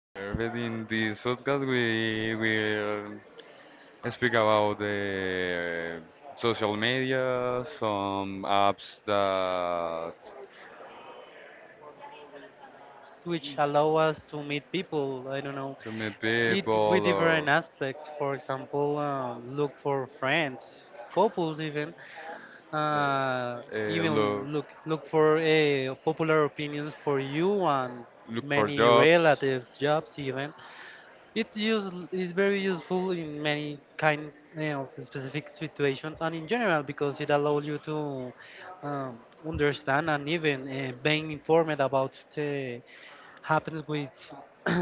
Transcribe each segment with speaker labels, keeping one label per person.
Speaker 1: Perfect. In this podcast, we will speak about the social media, some apps that
Speaker 2: Which allow us to meet people. I don't know,
Speaker 1: to meet
Speaker 2: it with
Speaker 1: people or
Speaker 2: different aspects. For example, look for friends, couples even,
Speaker 1: uh, uh, look
Speaker 2: even look for a popular opinions for you and
Speaker 1: look for
Speaker 2: many
Speaker 1: jobs.
Speaker 2: relatives, jobs even. It's use is very useful in many kind of specific situations and in general because it allows you to um, understand and even being informed about the happens with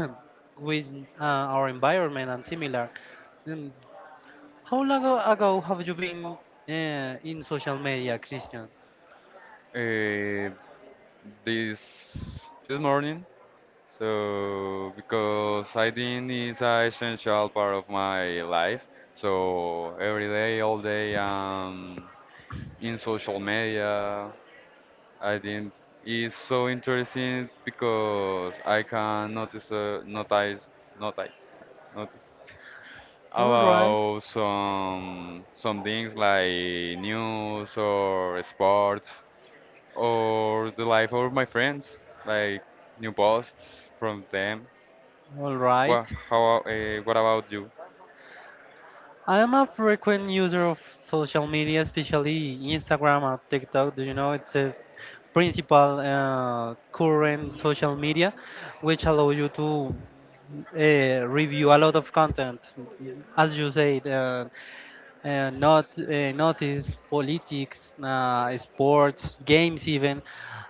Speaker 2: with our environment and similar. Um, how long ago have you been in social media, Christian?
Speaker 1: Uh, this morning, so because I think it's an essential part of my life, so every day, all day, in social media. I think it's so interesting because I can notice, notice
Speaker 2: All right,
Speaker 1: about some things like news or sports or the life of my friends, like new posts from them.
Speaker 2: all right.
Speaker 1: What about you?
Speaker 2: I am a frequent user of social media, especially Instagram and TikTok. Do you know it's a principal current social media, which allow you to review a lot of content, as you said. Not Notice politics, sports, games, even,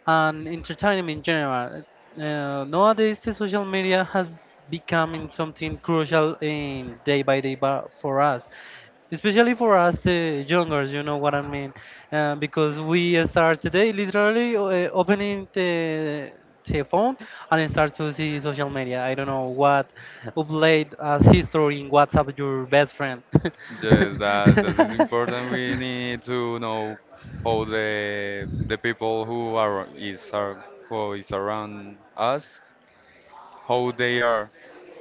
Speaker 2: and entertainment in general. Nowadays, the social media has become in something crucial in day by day for us, especially for us the youngers, you know what I mean, because we start today literally opening the phone and start to see social media, I don't know what upload as history in WhatsApp, your best friend.
Speaker 1: Yes, that is important. We need to know how the people who are is are who is around us, how they are,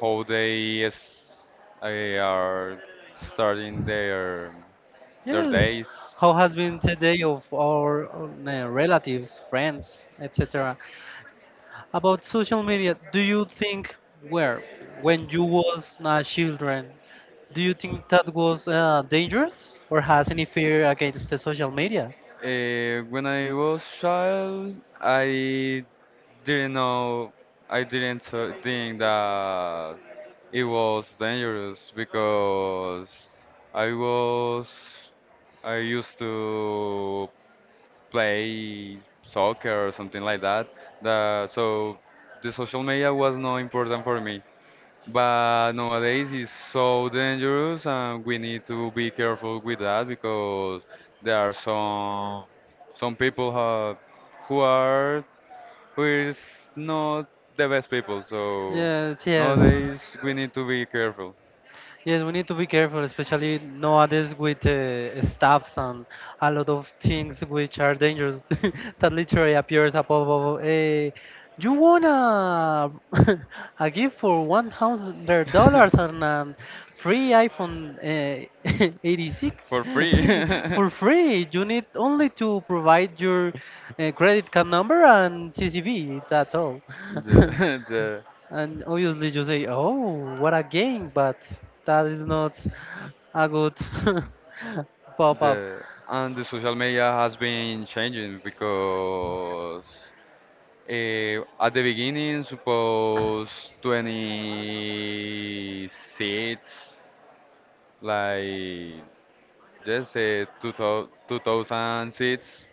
Speaker 1: how they is, are starting their their
Speaker 2: Yes.
Speaker 1: days.
Speaker 2: How has been today of our relatives, friends, etc. About social media, do you think where when you was a children, do you think that was dangerous or has any fear against the social media?
Speaker 1: When I was child, I didn't know, I didn't think that it was dangerous because I was, I used to play soccer or something like that. That, so the social media was not important for me. But nowadays it's so dangerous and we need to be careful with that because there are some people who are we're not the best people, so
Speaker 2: Yes, yes.
Speaker 1: nowadays we need to be careful.
Speaker 2: Yes, we need to be careful, especially nowadays with staffs and a lot of things which are dangerous that literally appears above. You wanna a gift for $1,000 and a free iPhone 86
Speaker 1: For free.
Speaker 2: for free. You need only to provide your credit card number and CCV. That's all.
Speaker 1: The,
Speaker 2: And obviously you say, oh, what a game, but that is not a good pop-up.
Speaker 1: the, and the social media has been changing because at the beginning, suppose 20 seats, like just say 2000 seats,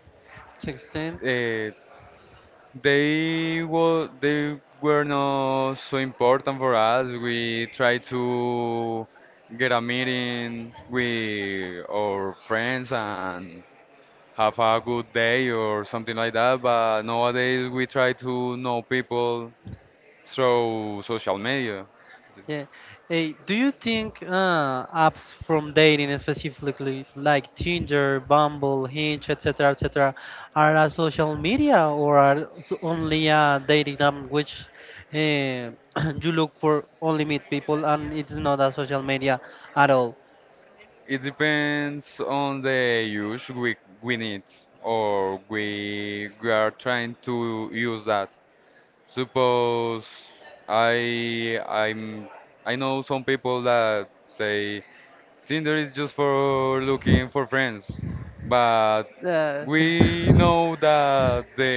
Speaker 2: 16.
Speaker 1: uh, they were not so important for us. We tried to get a meeting with our friends and have a good day or something like that. But nowadays we try to know people through social media.
Speaker 2: Yeah. Hey, do you think apps from dating, specifically like Tinder, Bumble, Hinge, etc., etc., are a social media or are only a dating app which uh, you look for only meet people and it's not a social media at all?
Speaker 1: It depends on the use we need or we are trying to use that. Suppose I I'm I know some people that say Tinder is just for looking for friends, but
Speaker 2: Uh,
Speaker 1: we know that the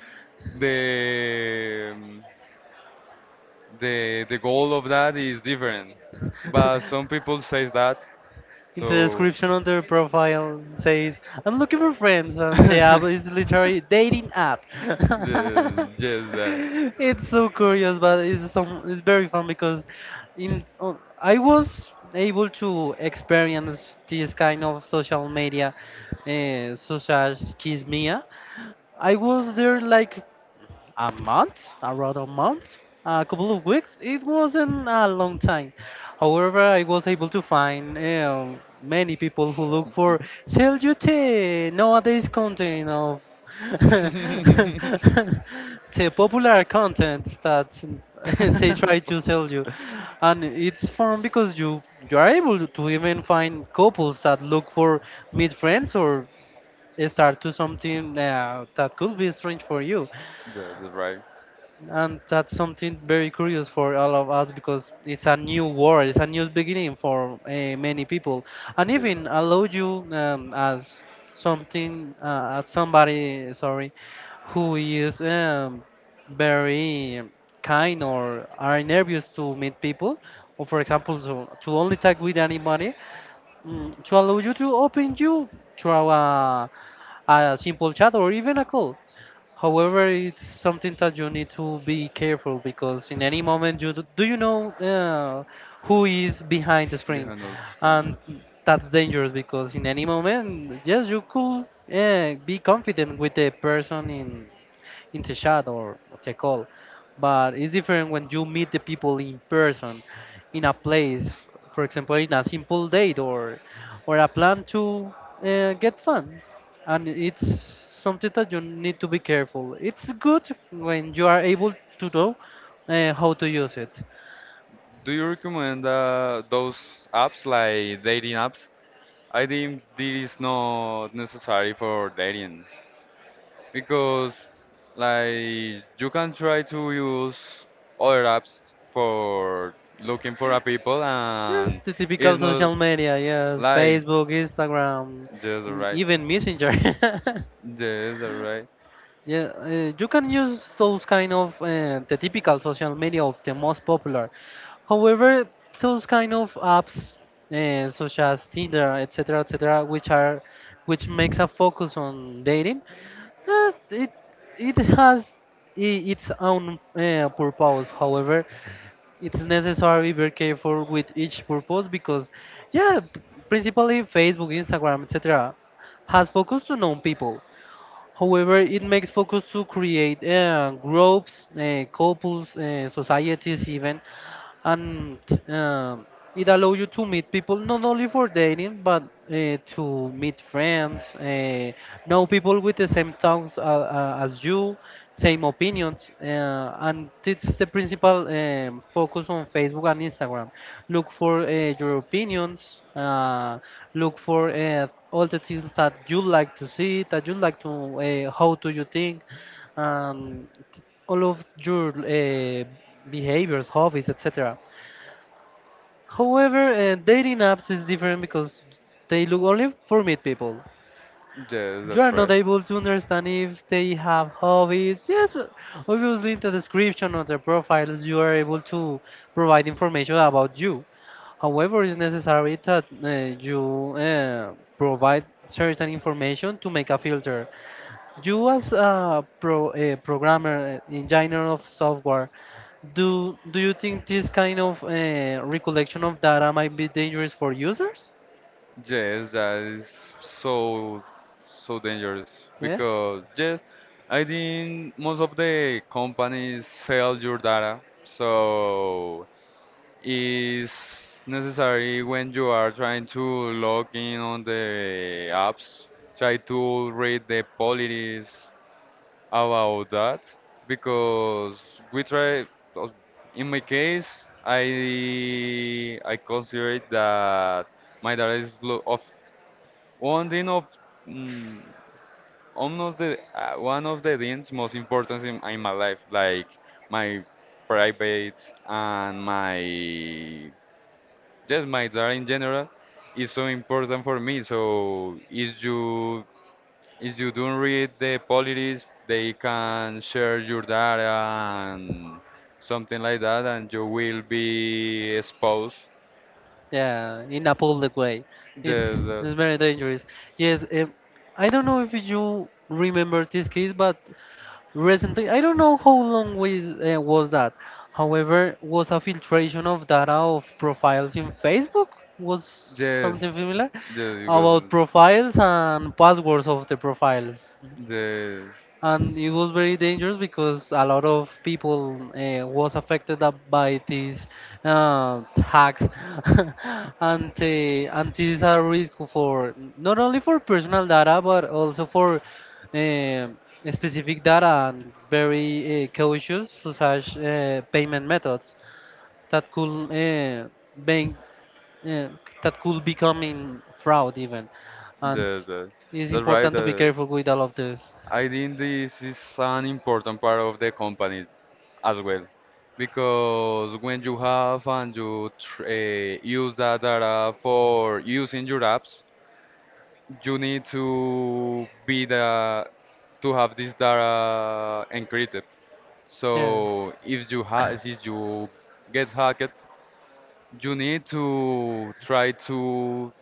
Speaker 1: the um, the goal of that is different. But some people says that,
Speaker 2: in the
Speaker 1: so
Speaker 2: description on their profile says, I'm looking for friends, and the
Speaker 1: yes,
Speaker 2: app is literally dating app.
Speaker 1: yes, that.
Speaker 2: It's so curious, but it's very fun because in I was able to experience this kind of social media, such as Kiss Mia. I was there like a month, around a month, a couple of weeks. It wasn't a long time. However, I was able to find many people who look for sell you tea nowadays content of the popular content that they try to sell you, and it's fun because you are able to even find couples that look for meet friends or start to something that could be strange for you,
Speaker 1: That's right.
Speaker 2: and that's something very curious for all of us because it's a new world. It's a new beginning for many people, and
Speaker 1: Yes.
Speaker 2: even allow you as something as somebody, sorry, who is very kind or are nervous to meet people or, for example, to only talk with anybody, to allow you to open you through a simple chat or even a call. However, it's something that you need to be careful because in any moment you do you know who is behind the screen,
Speaker 1: Behind all the screens.
Speaker 2: and
Speaker 1: Yes.
Speaker 2: that's dangerous because in any moment, yes, you could be confident with the person in the chat or the call, but it's different when you meet the people in person, in a place, for example, in a simple date or a plan to get fun, and it's something that you need to be careful. It's good when you are able to know how to use it.
Speaker 1: Do you recommend those apps like dating apps? I think this is not necessary for dating because like you can try to use other apps for looking for a people
Speaker 2: Yes,
Speaker 1: and
Speaker 2: the typical
Speaker 1: it's not
Speaker 2: social media. Yes,
Speaker 1: like.
Speaker 2: Facebook, Instagram,
Speaker 1: Yes,
Speaker 2: and
Speaker 1: right.
Speaker 2: even Messenger.
Speaker 1: Yes, that's right.
Speaker 2: Yeah, you can use those kind of the typical social media of the most popular. However, those kind of apps such as Tinder, etc., etc., which makes a focus on dating, it has its own purpose. However, it's necessary be careful with each purpose because, yeah, principally Facebook, Instagram, etc., has focused on known people. However, it makes focus to create groups, couples, societies, even, and um it allows you to meet people not only for dating but to meet friends, know people with the same thoughts, as you, same opinions, and it's the principal focus on Facebook and Instagram. Look for your opinions, look for all the things that you like to see, that you like to, how do you think, um, t- all of your behaviors, hobbies, etc. However, dating apps is different because they look only for meet people.
Speaker 1: Yes,
Speaker 2: You are
Speaker 1: that's
Speaker 2: not
Speaker 1: right.
Speaker 2: able to understand if they have hobbies. Yes, but obviously in the description of their profiles, you are able to provide information about you. However, it's necessary that you provide certain information to make a filter. You as a programmer engineer of software, do you think this kind of recollection of data might be dangerous for users?
Speaker 1: Yes, that is so dangerous
Speaker 2: Yes.
Speaker 1: because yes, I think most of the companies sell your data, so it's necessary when you are trying to log in on the apps, try to read the policies about that because we try. Well, in my case, I consider it that my data is of one thing of mm, almost the one of the things most important in my life, like my private and my job in general, is so important for me. So if you don't read the policies, they can share your data and something like that, and you will be exposed.
Speaker 2: Yeah, in a public way, it's
Speaker 1: Yes,
Speaker 2: it's very dangerous. Yes. I don't know if you remember this case, but recently, I don't know how long was that. However, was a filtration of data of profiles in Facebook, was
Speaker 1: yes,
Speaker 2: something similar
Speaker 1: yes, it was.
Speaker 2: about profiles and passwords of the profiles.
Speaker 1: Yes, yes,
Speaker 2: And it was very dangerous because a lot of people was affected up by these hacks and these are risk for not only for personal data but also for uh, specific data and very cautious such payment methods that could bank, uh, that could become in fraud even, and
Speaker 1: that,
Speaker 2: it's
Speaker 1: that's right.
Speaker 2: important to be careful with all of this.
Speaker 1: I think this is an important part of the company as well, because when you have and you tr use that data for using your apps, you need to be the to have this data encrypted.
Speaker 2: Yes,
Speaker 1: So if you get hacked, you need to try to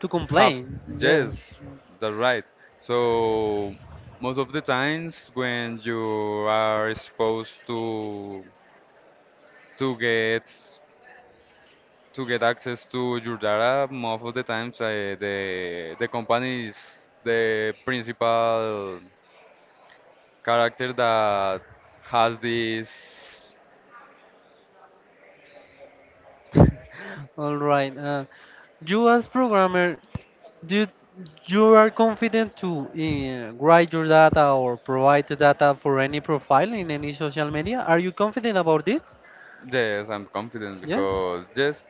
Speaker 2: to
Speaker 1: have.
Speaker 2: complain. Yes.
Speaker 1: Yes, that's right. So most of the times when you are exposed to get to get access to your data most of the times the company is the principal character that has this.
Speaker 2: All right. You as programmer, do you are confident to write your data or provide the data for any profile in any social media? Are you confident about this?
Speaker 1: Yes, I'm confident
Speaker 2: Yes.
Speaker 1: because yes,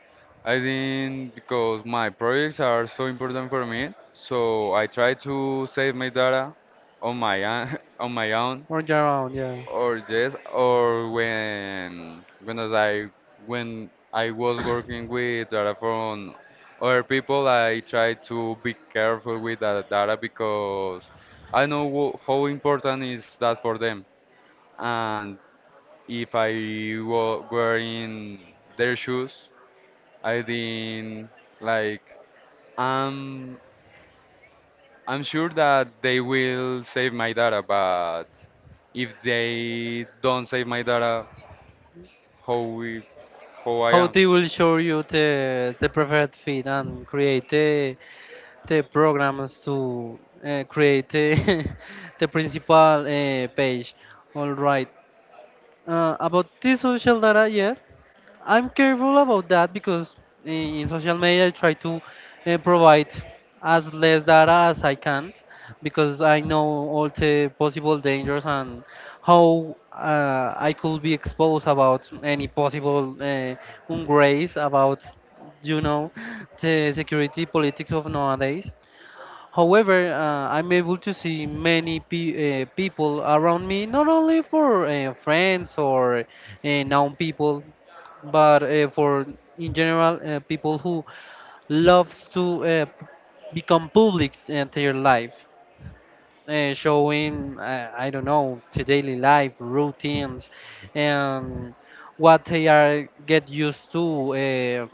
Speaker 1: I think because my projects are so important for me, so I try to save my data on my own, on my own,
Speaker 2: Or you're around, yeah.
Speaker 1: or yes, or when I was working with data from other people, I try to be careful with that data because I know how important is that for them. And if I were in their shoes, I think like I'm I'm sure that they will save my data, but if they don't save my data, how we how I
Speaker 2: How
Speaker 1: am?
Speaker 2: they will show you the preferred feed and create the programs to create the, the principal page. All right. About this social data, yes. I'm careful about that because in social media I try to provide as less data as I can because I know all the possible dangers and how I could be exposed about any possible ungrace about you know the security politics of nowadays. However, I'm able to see many people around me, not only for friends or known people, but for in general people who loves to become public in their life, showing, I don't know, the daily life routines and what they are get used to,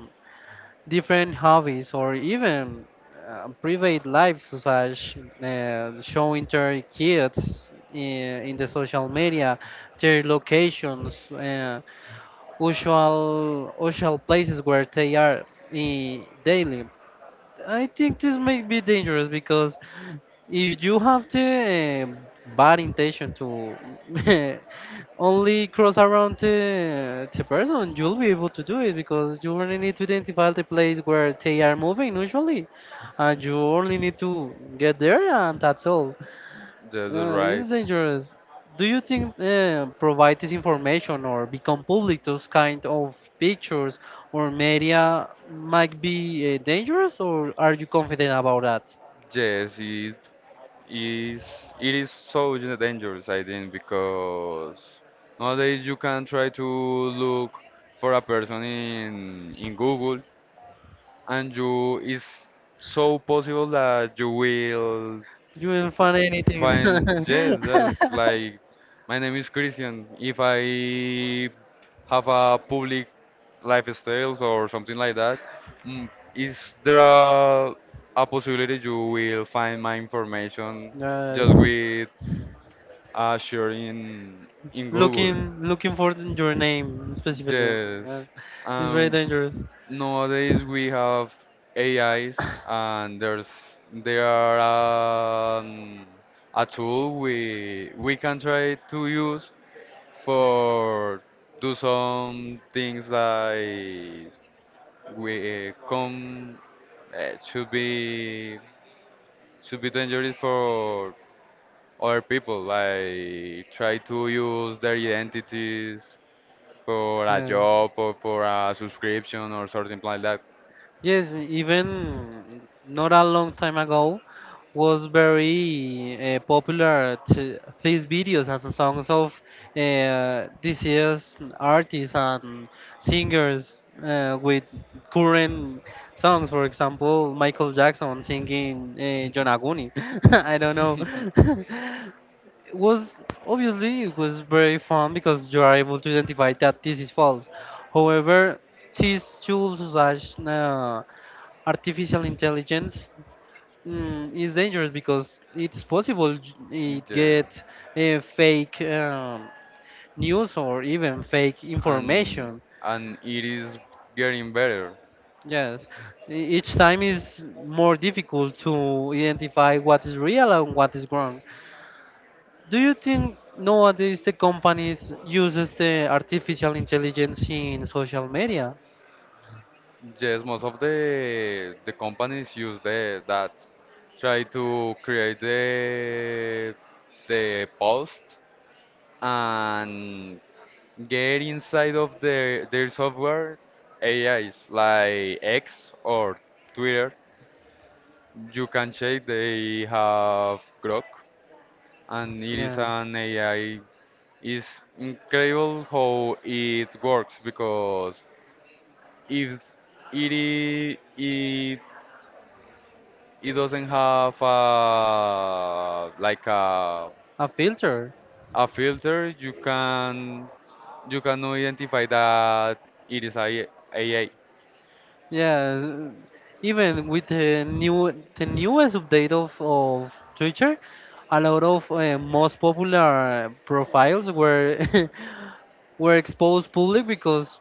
Speaker 2: different hobbies or even private lives such showing their kids in the social media, their locations, usual places where they are daily. I think this may be dangerous because if you have the bad intention to only cross around the person, you'll be able to do it because you only need to identify the place where they are moving usually, and you only need to get there, and that's all.
Speaker 1: That's right.
Speaker 2: It's dangerous. Do you think provide this information or become public those kind of pictures or media might be dangerous, or are you confident about that?
Speaker 1: Yes, it is so dangerous, I think, because nowadays you can try to look for a person in Google and you it's so possible that you will
Speaker 2: You will find anything.
Speaker 1: find. Yes, that's like my name is Christian if I have a public lifestyles or something like that. Is there a possibility you will find my information
Speaker 2: Yes.
Speaker 1: just with a search in Google?
Speaker 2: Looking, looking for your name specifically.
Speaker 1: Yes.
Speaker 2: uh, It's very
Speaker 1: Um,
Speaker 2: dangerous.
Speaker 1: Nowadays we have AIs and there are a tool we can try to use for do some things like we come uh, should be should be dangerous for other people like try to use their identities for a
Speaker 2: Yes.
Speaker 1: job or for a subscription or something like that.
Speaker 2: Yes, even not a long time ago was very popular to these videos and songs of deceased artists and singers with current songs. For example, Michael Jackson singing John Aguni. I don't know. It was obviously it was very fun because you are able to identify that this is false. However, these tools slash artificial intelligence, is dangerous because it's possible it
Speaker 1: Yeah.
Speaker 2: get fake news or even fake
Speaker 1: and
Speaker 2: information.
Speaker 1: and it is getting better.
Speaker 2: Yes, each time is more difficult to identify what is real and what is wrong. Do you think nowadays the companies uses the artificial intelligence in social media?
Speaker 1: Yes, most of the companies use the that try to create the post and get inside of their software AIs like X or Twitter. You can check they have Grok and it is
Speaker 2: Yeah,
Speaker 1: an AI. It's incredible how it works because if it I- it doesn't have like a
Speaker 2: a filter.
Speaker 1: a filter, you can identify that it is a AI.
Speaker 2: Yeah, even with the newest update of Twitter, a lot of most popular profiles were were exposed public because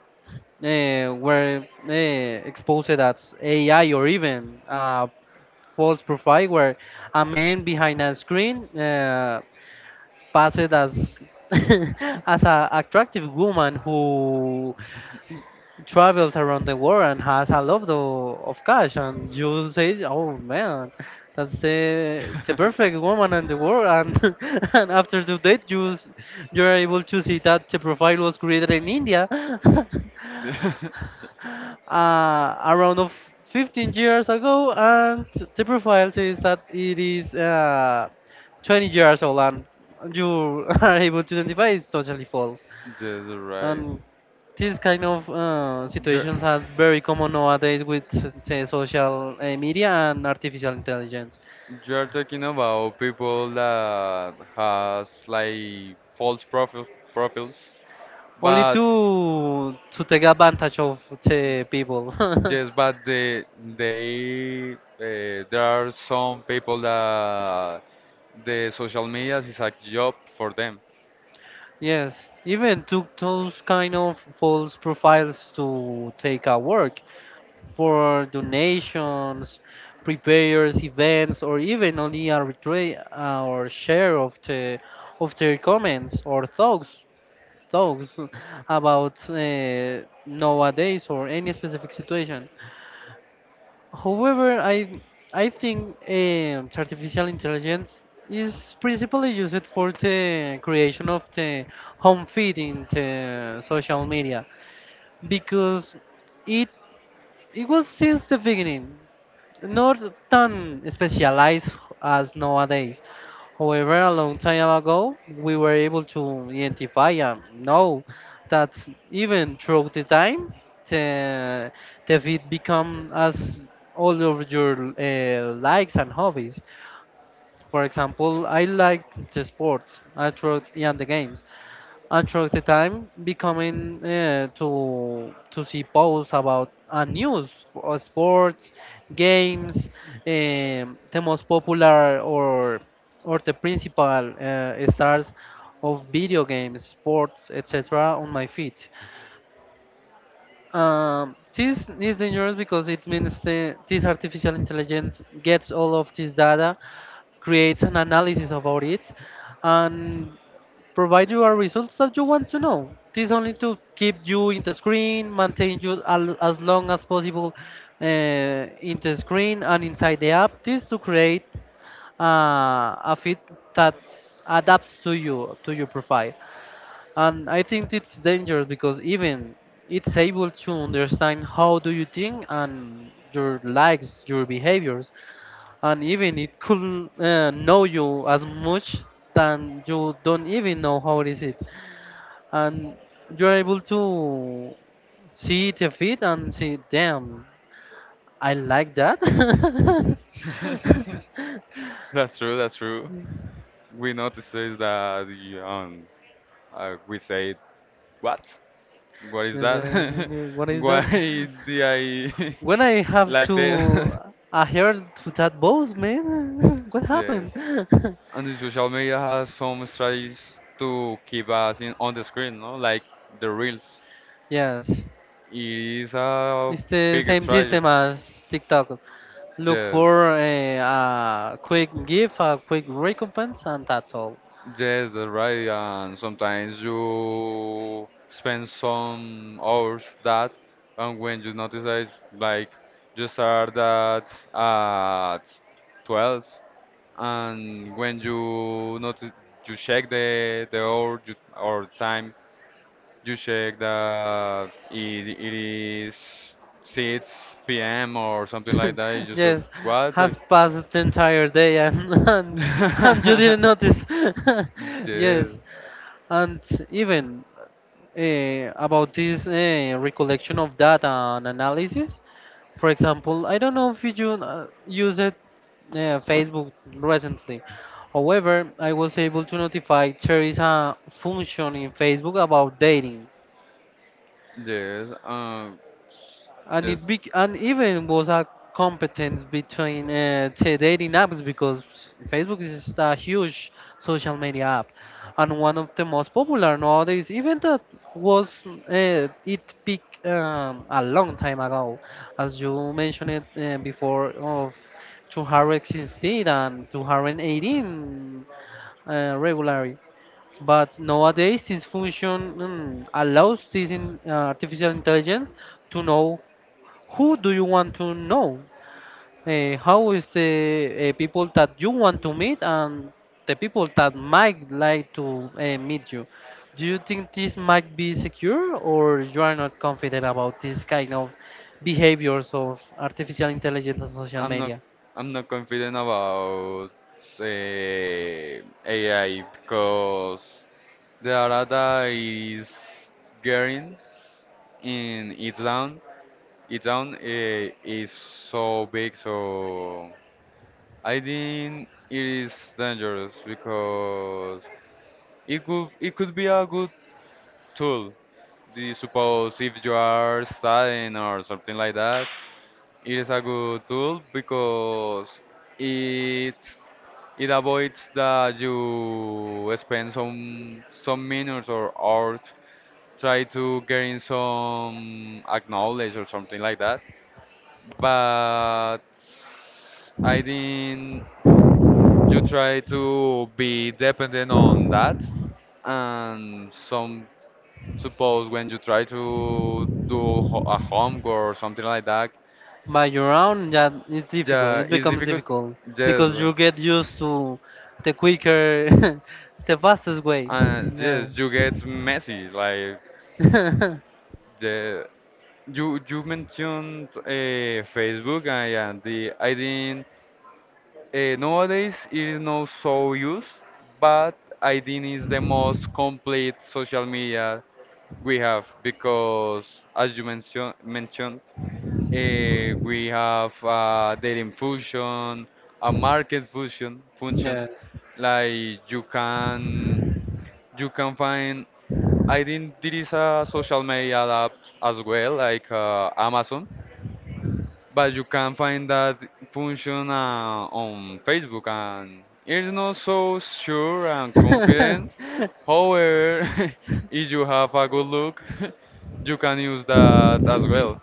Speaker 2: were exposed as AI or even a false profile where a man behind a screen passed as as a attractive woman who travels around the world and has a lot of cash, and you say, oh man, that's the perfect woman in the world. And and after the date you are able to see that the profile was created in India,
Speaker 1: Just
Speaker 2: around of 15 years ago, and the profile says that it is 20 years old, and you are able to identify is totally false.
Speaker 1: just right.
Speaker 2: And this kind of
Speaker 1: You're,
Speaker 2: situations are very common nowadays with, say, social media and artificial intelligence,
Speaker 1: you're talking about people that has like false profiles,
Speaker 2: only
Speaker 1: but,
Speaker 2: to take advantage of the people.
Speaker 1: yes, but there are some people that the social media is a job for them.
Speaker 2: Yes, even took those kind of false profiles to take our work. For donations, prepares events, or even only arbitrate or share of the of their comments or thoughts about nowadays or any specific situation. However, I think artificial intelligence is principally used for the creation of the home feed in the social media, because it it was since the beginning not tan specialized as nowadays. However, a long time ago, we were able to identify and know that, even through the time, the, the it become as all of your likes and hobbies. For example, I liked the sports I throughout and the games. And throughout the time, becoming to see posts about news for sports, games, the most popular or the principal stars of video games, sports, etc. on my feed. This is dangerous because it means the, this artificial intelligence gets all of this data, creates an analysis about it, and provide you a results that you want to know. This only to keep you in the screen, maintain you as long as possible in the screen and inside the app. This to create uh, a fit that adapts to you to your profile. And I think it's dangerous because even it's able to understand how do you think and your likes, your behaviors, and even it could know you as much than you don't even know how it is it, and you're able to see it a bit and see, damn, I like that.
Speaker 1: That's true. That's true. We notice that we say what? What is
Speaker 2: Yes,
Speaker 1: that?
Speaker 2: what is that?
Speaker 1: Why did I
Speaker 2: When I have
Speaker 1: like
Speaker 2: to
Speaker 1: that?
Speaker 2: adhere to that boss, man, what
Speaker 1: Yeah.
Speaker 2: happened?
Speaker 1: And the social media has some strategies to keep us in on the screen, no? Like the reels.
Speaker 2: Yes,
Speaker 1: It is a
Speaker 2: it's the
Speaker 1: big
Speaker 2: same
Speaker 1: strategy.
Speaker 2: system as TikTok. Look
Speaker 1: Yes,
Speaker 2: for a quick gift, a quick recompense, and that's all.
Speaker 1: yes, that's right. And sometimes you spend some hours that, and when you notice that, like, you start at 12, and when you notice, you check the hour or time, you check that it is 6 p.m. or something like that. You just
Speaker 2: Yes,
Speaker 1: what? Like.
Speaker 2: has passed the entire day and and you didn't notice.
Speaker 1: Yes,
Speaker 2: Yes, and even about this recollection of data and analysis. For example, I don't know if you use it Facebook recently. However, I was able to notify there is a function in Facebook about dating.
Speaker 1: yes.
Speaker 2: And it
Speaker 1: Just
Speaker 2: be and even was a competence between dating apps because Facebook is a huge social media app and one of the most popular nowadays. Even that was it peaked a long time ago, as you mentioned it before of 2016 and 2018 regularly. But nowadays, this function allows this in, artificial intelligence to know who do you want to know? How is the people that you want to meet and the people that might like to meet you? Do you think this might be secure, or you are not confident about this kind of behaviors of artificial intelligence and social
Speaker 1: I'm not
Speaker 2: media?
Speaker 1: I'm not confident about AI because the data is getting in its down. Its down is so big, so I think it is dangerous because it could be a good tool. Do you suppose if you are studying or something like that, it is a good tool because it it avoids that you spend some minutes or hours try to gain some acknowledge or something like that. But I think you try to be dependent on that and some. Suppose when you try to do ho a homework or something like that,
Speaker 2: By your own, that is difficult.
Speaker 1: yeah,
Speaker 2: It
Speaker 1: it's
Speaker 2: becomes
Speaker 1: difficult.
Speaker 2: difficult because
Speaker 1: Yes,
Speaker 2: you get used to the quicker, the fastest way. Yes.
Speaker 1: yes, you get messy. Like the you you mentioned Facebook, and yeah, the I think nowadays it is not so used, but I think it's the most complete social media we have because, as you mentioned. We have a dating function, a market function.
Speaker 2: Yes.
Speaker 1: Like you can find. I think there is a social media app as well, like Amazon, but you can find that function on Facebook, and it's not so sure and confident. However, if you have a good look, you can use that as well.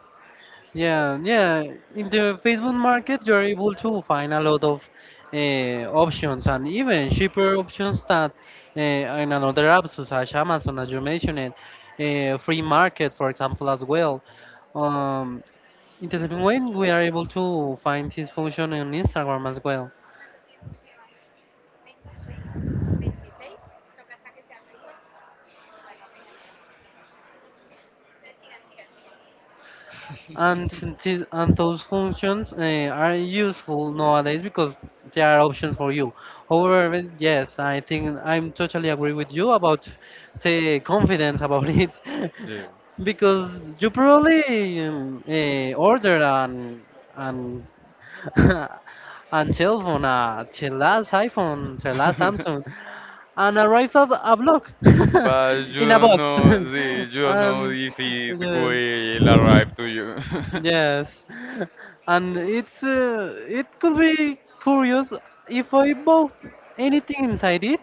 Speaker 2: Yeah, yeah. In the Facebook market, you're able to find a lot of uh, options and even cheaper options that in another apps such as Amazon, as you mentioned, free market, for example, as well. Um, in the same way, we are able to find this function on Instagram as well. And and those functions are useful nowadays because they are options for you. However, yes, I think I'm totally agree with you about the confidence about it.
Speaker 1: Yeah.
Speaker 2: Because you probably order an and cell phone, the last iPhone, the last Samsung, and arrived at a block
Speaker 1: But you
Speaker 2: in a
Speaker 1: don't
Speaker 2: box.
Speaker 1: know, see, you don't know
Speaker 2: um,
Speaker 1: if it
Speaker 2: yes.
Speaker 1: will arrive to you.
Speaker 2: Yes, and it's it could be curious if I bought anything inside it.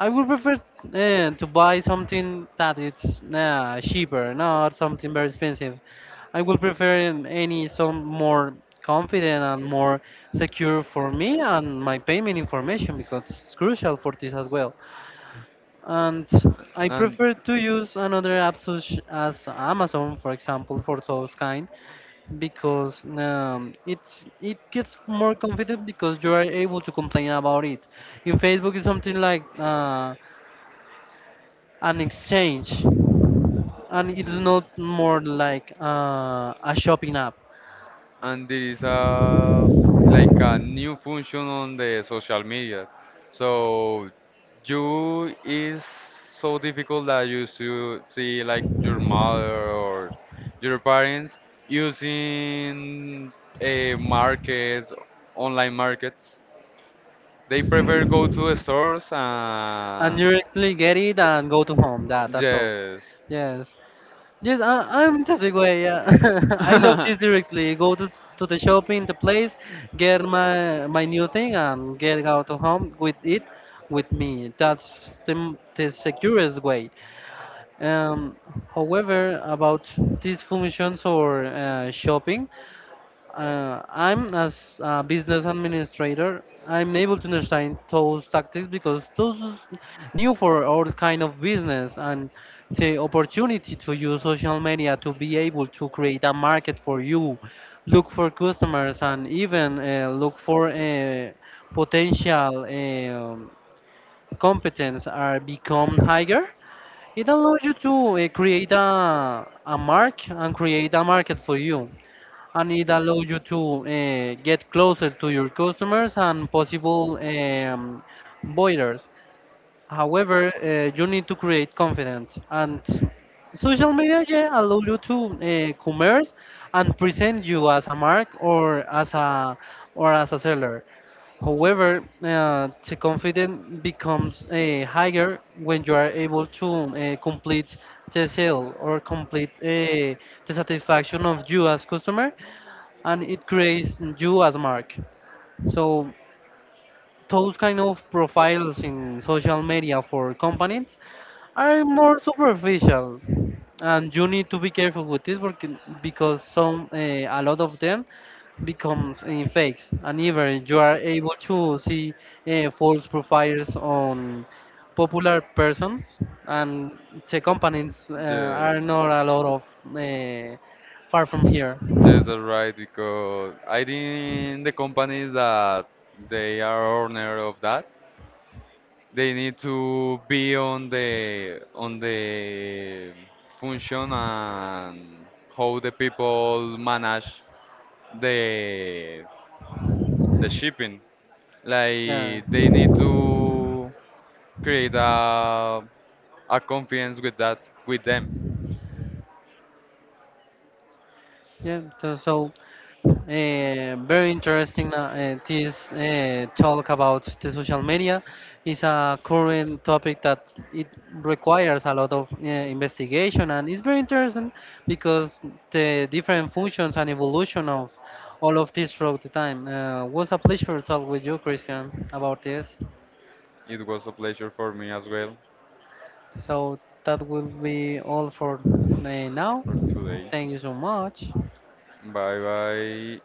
Speaker 2: I would prefer to buy something that it's cheaper, not something very expensive. I would prefer any some more confident and more secure for me and my payment information because it's crucial for this as well, and I
Speaker 1: And
Speaker 2: prefer to use another app such as Amazon, for example, for those kind, because it's it gets more confident because you are able to complain about it. In Facebook, it's something like an exchange, and it's
Speaker 1: th-
Speaker 2: not more like a shopping app.
Speaker 1: and there is a like a new function on the social media. So you is so difficult that you should see like your mother or your parents using a markets, online markets. They prefer go to the stores
Speaker 2: And you
Speaker 1: and
Speaker 2: directly get it and go to home. That's all.
Speaker 1: yes,
Speaker 2: Yes. Yes, I'm the same way. Yeah, I love
Speaker 1: yes,
Speaker 2: this directly. Go to the shopping, the place, get my new thing, and get out of home with it, with me. That's the securest way. Um, however, about these functions or shopping. I'm as a business administrator, I'm able to understand those tactics because those is new for all kind of business and the opportunity to use social media to be able to create a market for you, look for customers and even look for potential competence are become higher. It allows you to create a mark and create a market for you, and it allows you to get closer to your customers and possible buyers. However, you need to create confidence, and social media, yeah, allow you to commerce and present you as a mark or as a seller. However, the confidence becomes higher when you are able to complete the sale or complete the satisfaction of you as customer, and it creates you as mark. So those kind of profiles in social media for companies are more superficial, and you need to be careful with this because some a lot of them becomes in fakes, and even you are able to see false profiles on popular persons, and the companies
Speaker 1: yes,
Speaker 2: are not a lot of uh, far from here.
Speaker 1: that's right. Because I think the companies that they are owner of that, they need to be on the function and how the people manage the the shipping.
Speaker 2: Yeah.
Speaker 1: Like they need to create a confidence with that with them.
Speaker 2: Yeah, so, so very interesting this talk about the social media is a current topic that it requires a lot of investigation, and it's very interesting because the different functions and evolution of all of this throughout the time. Was a pleasure to talk with you, Christian, about this.
Speaker 1: It was a pleasure for me as well
Speaker 2: So that will be all for now.
Speaker 1: for today.
Speaker 2: Thank you so much.
Speaker 1: Bye bye.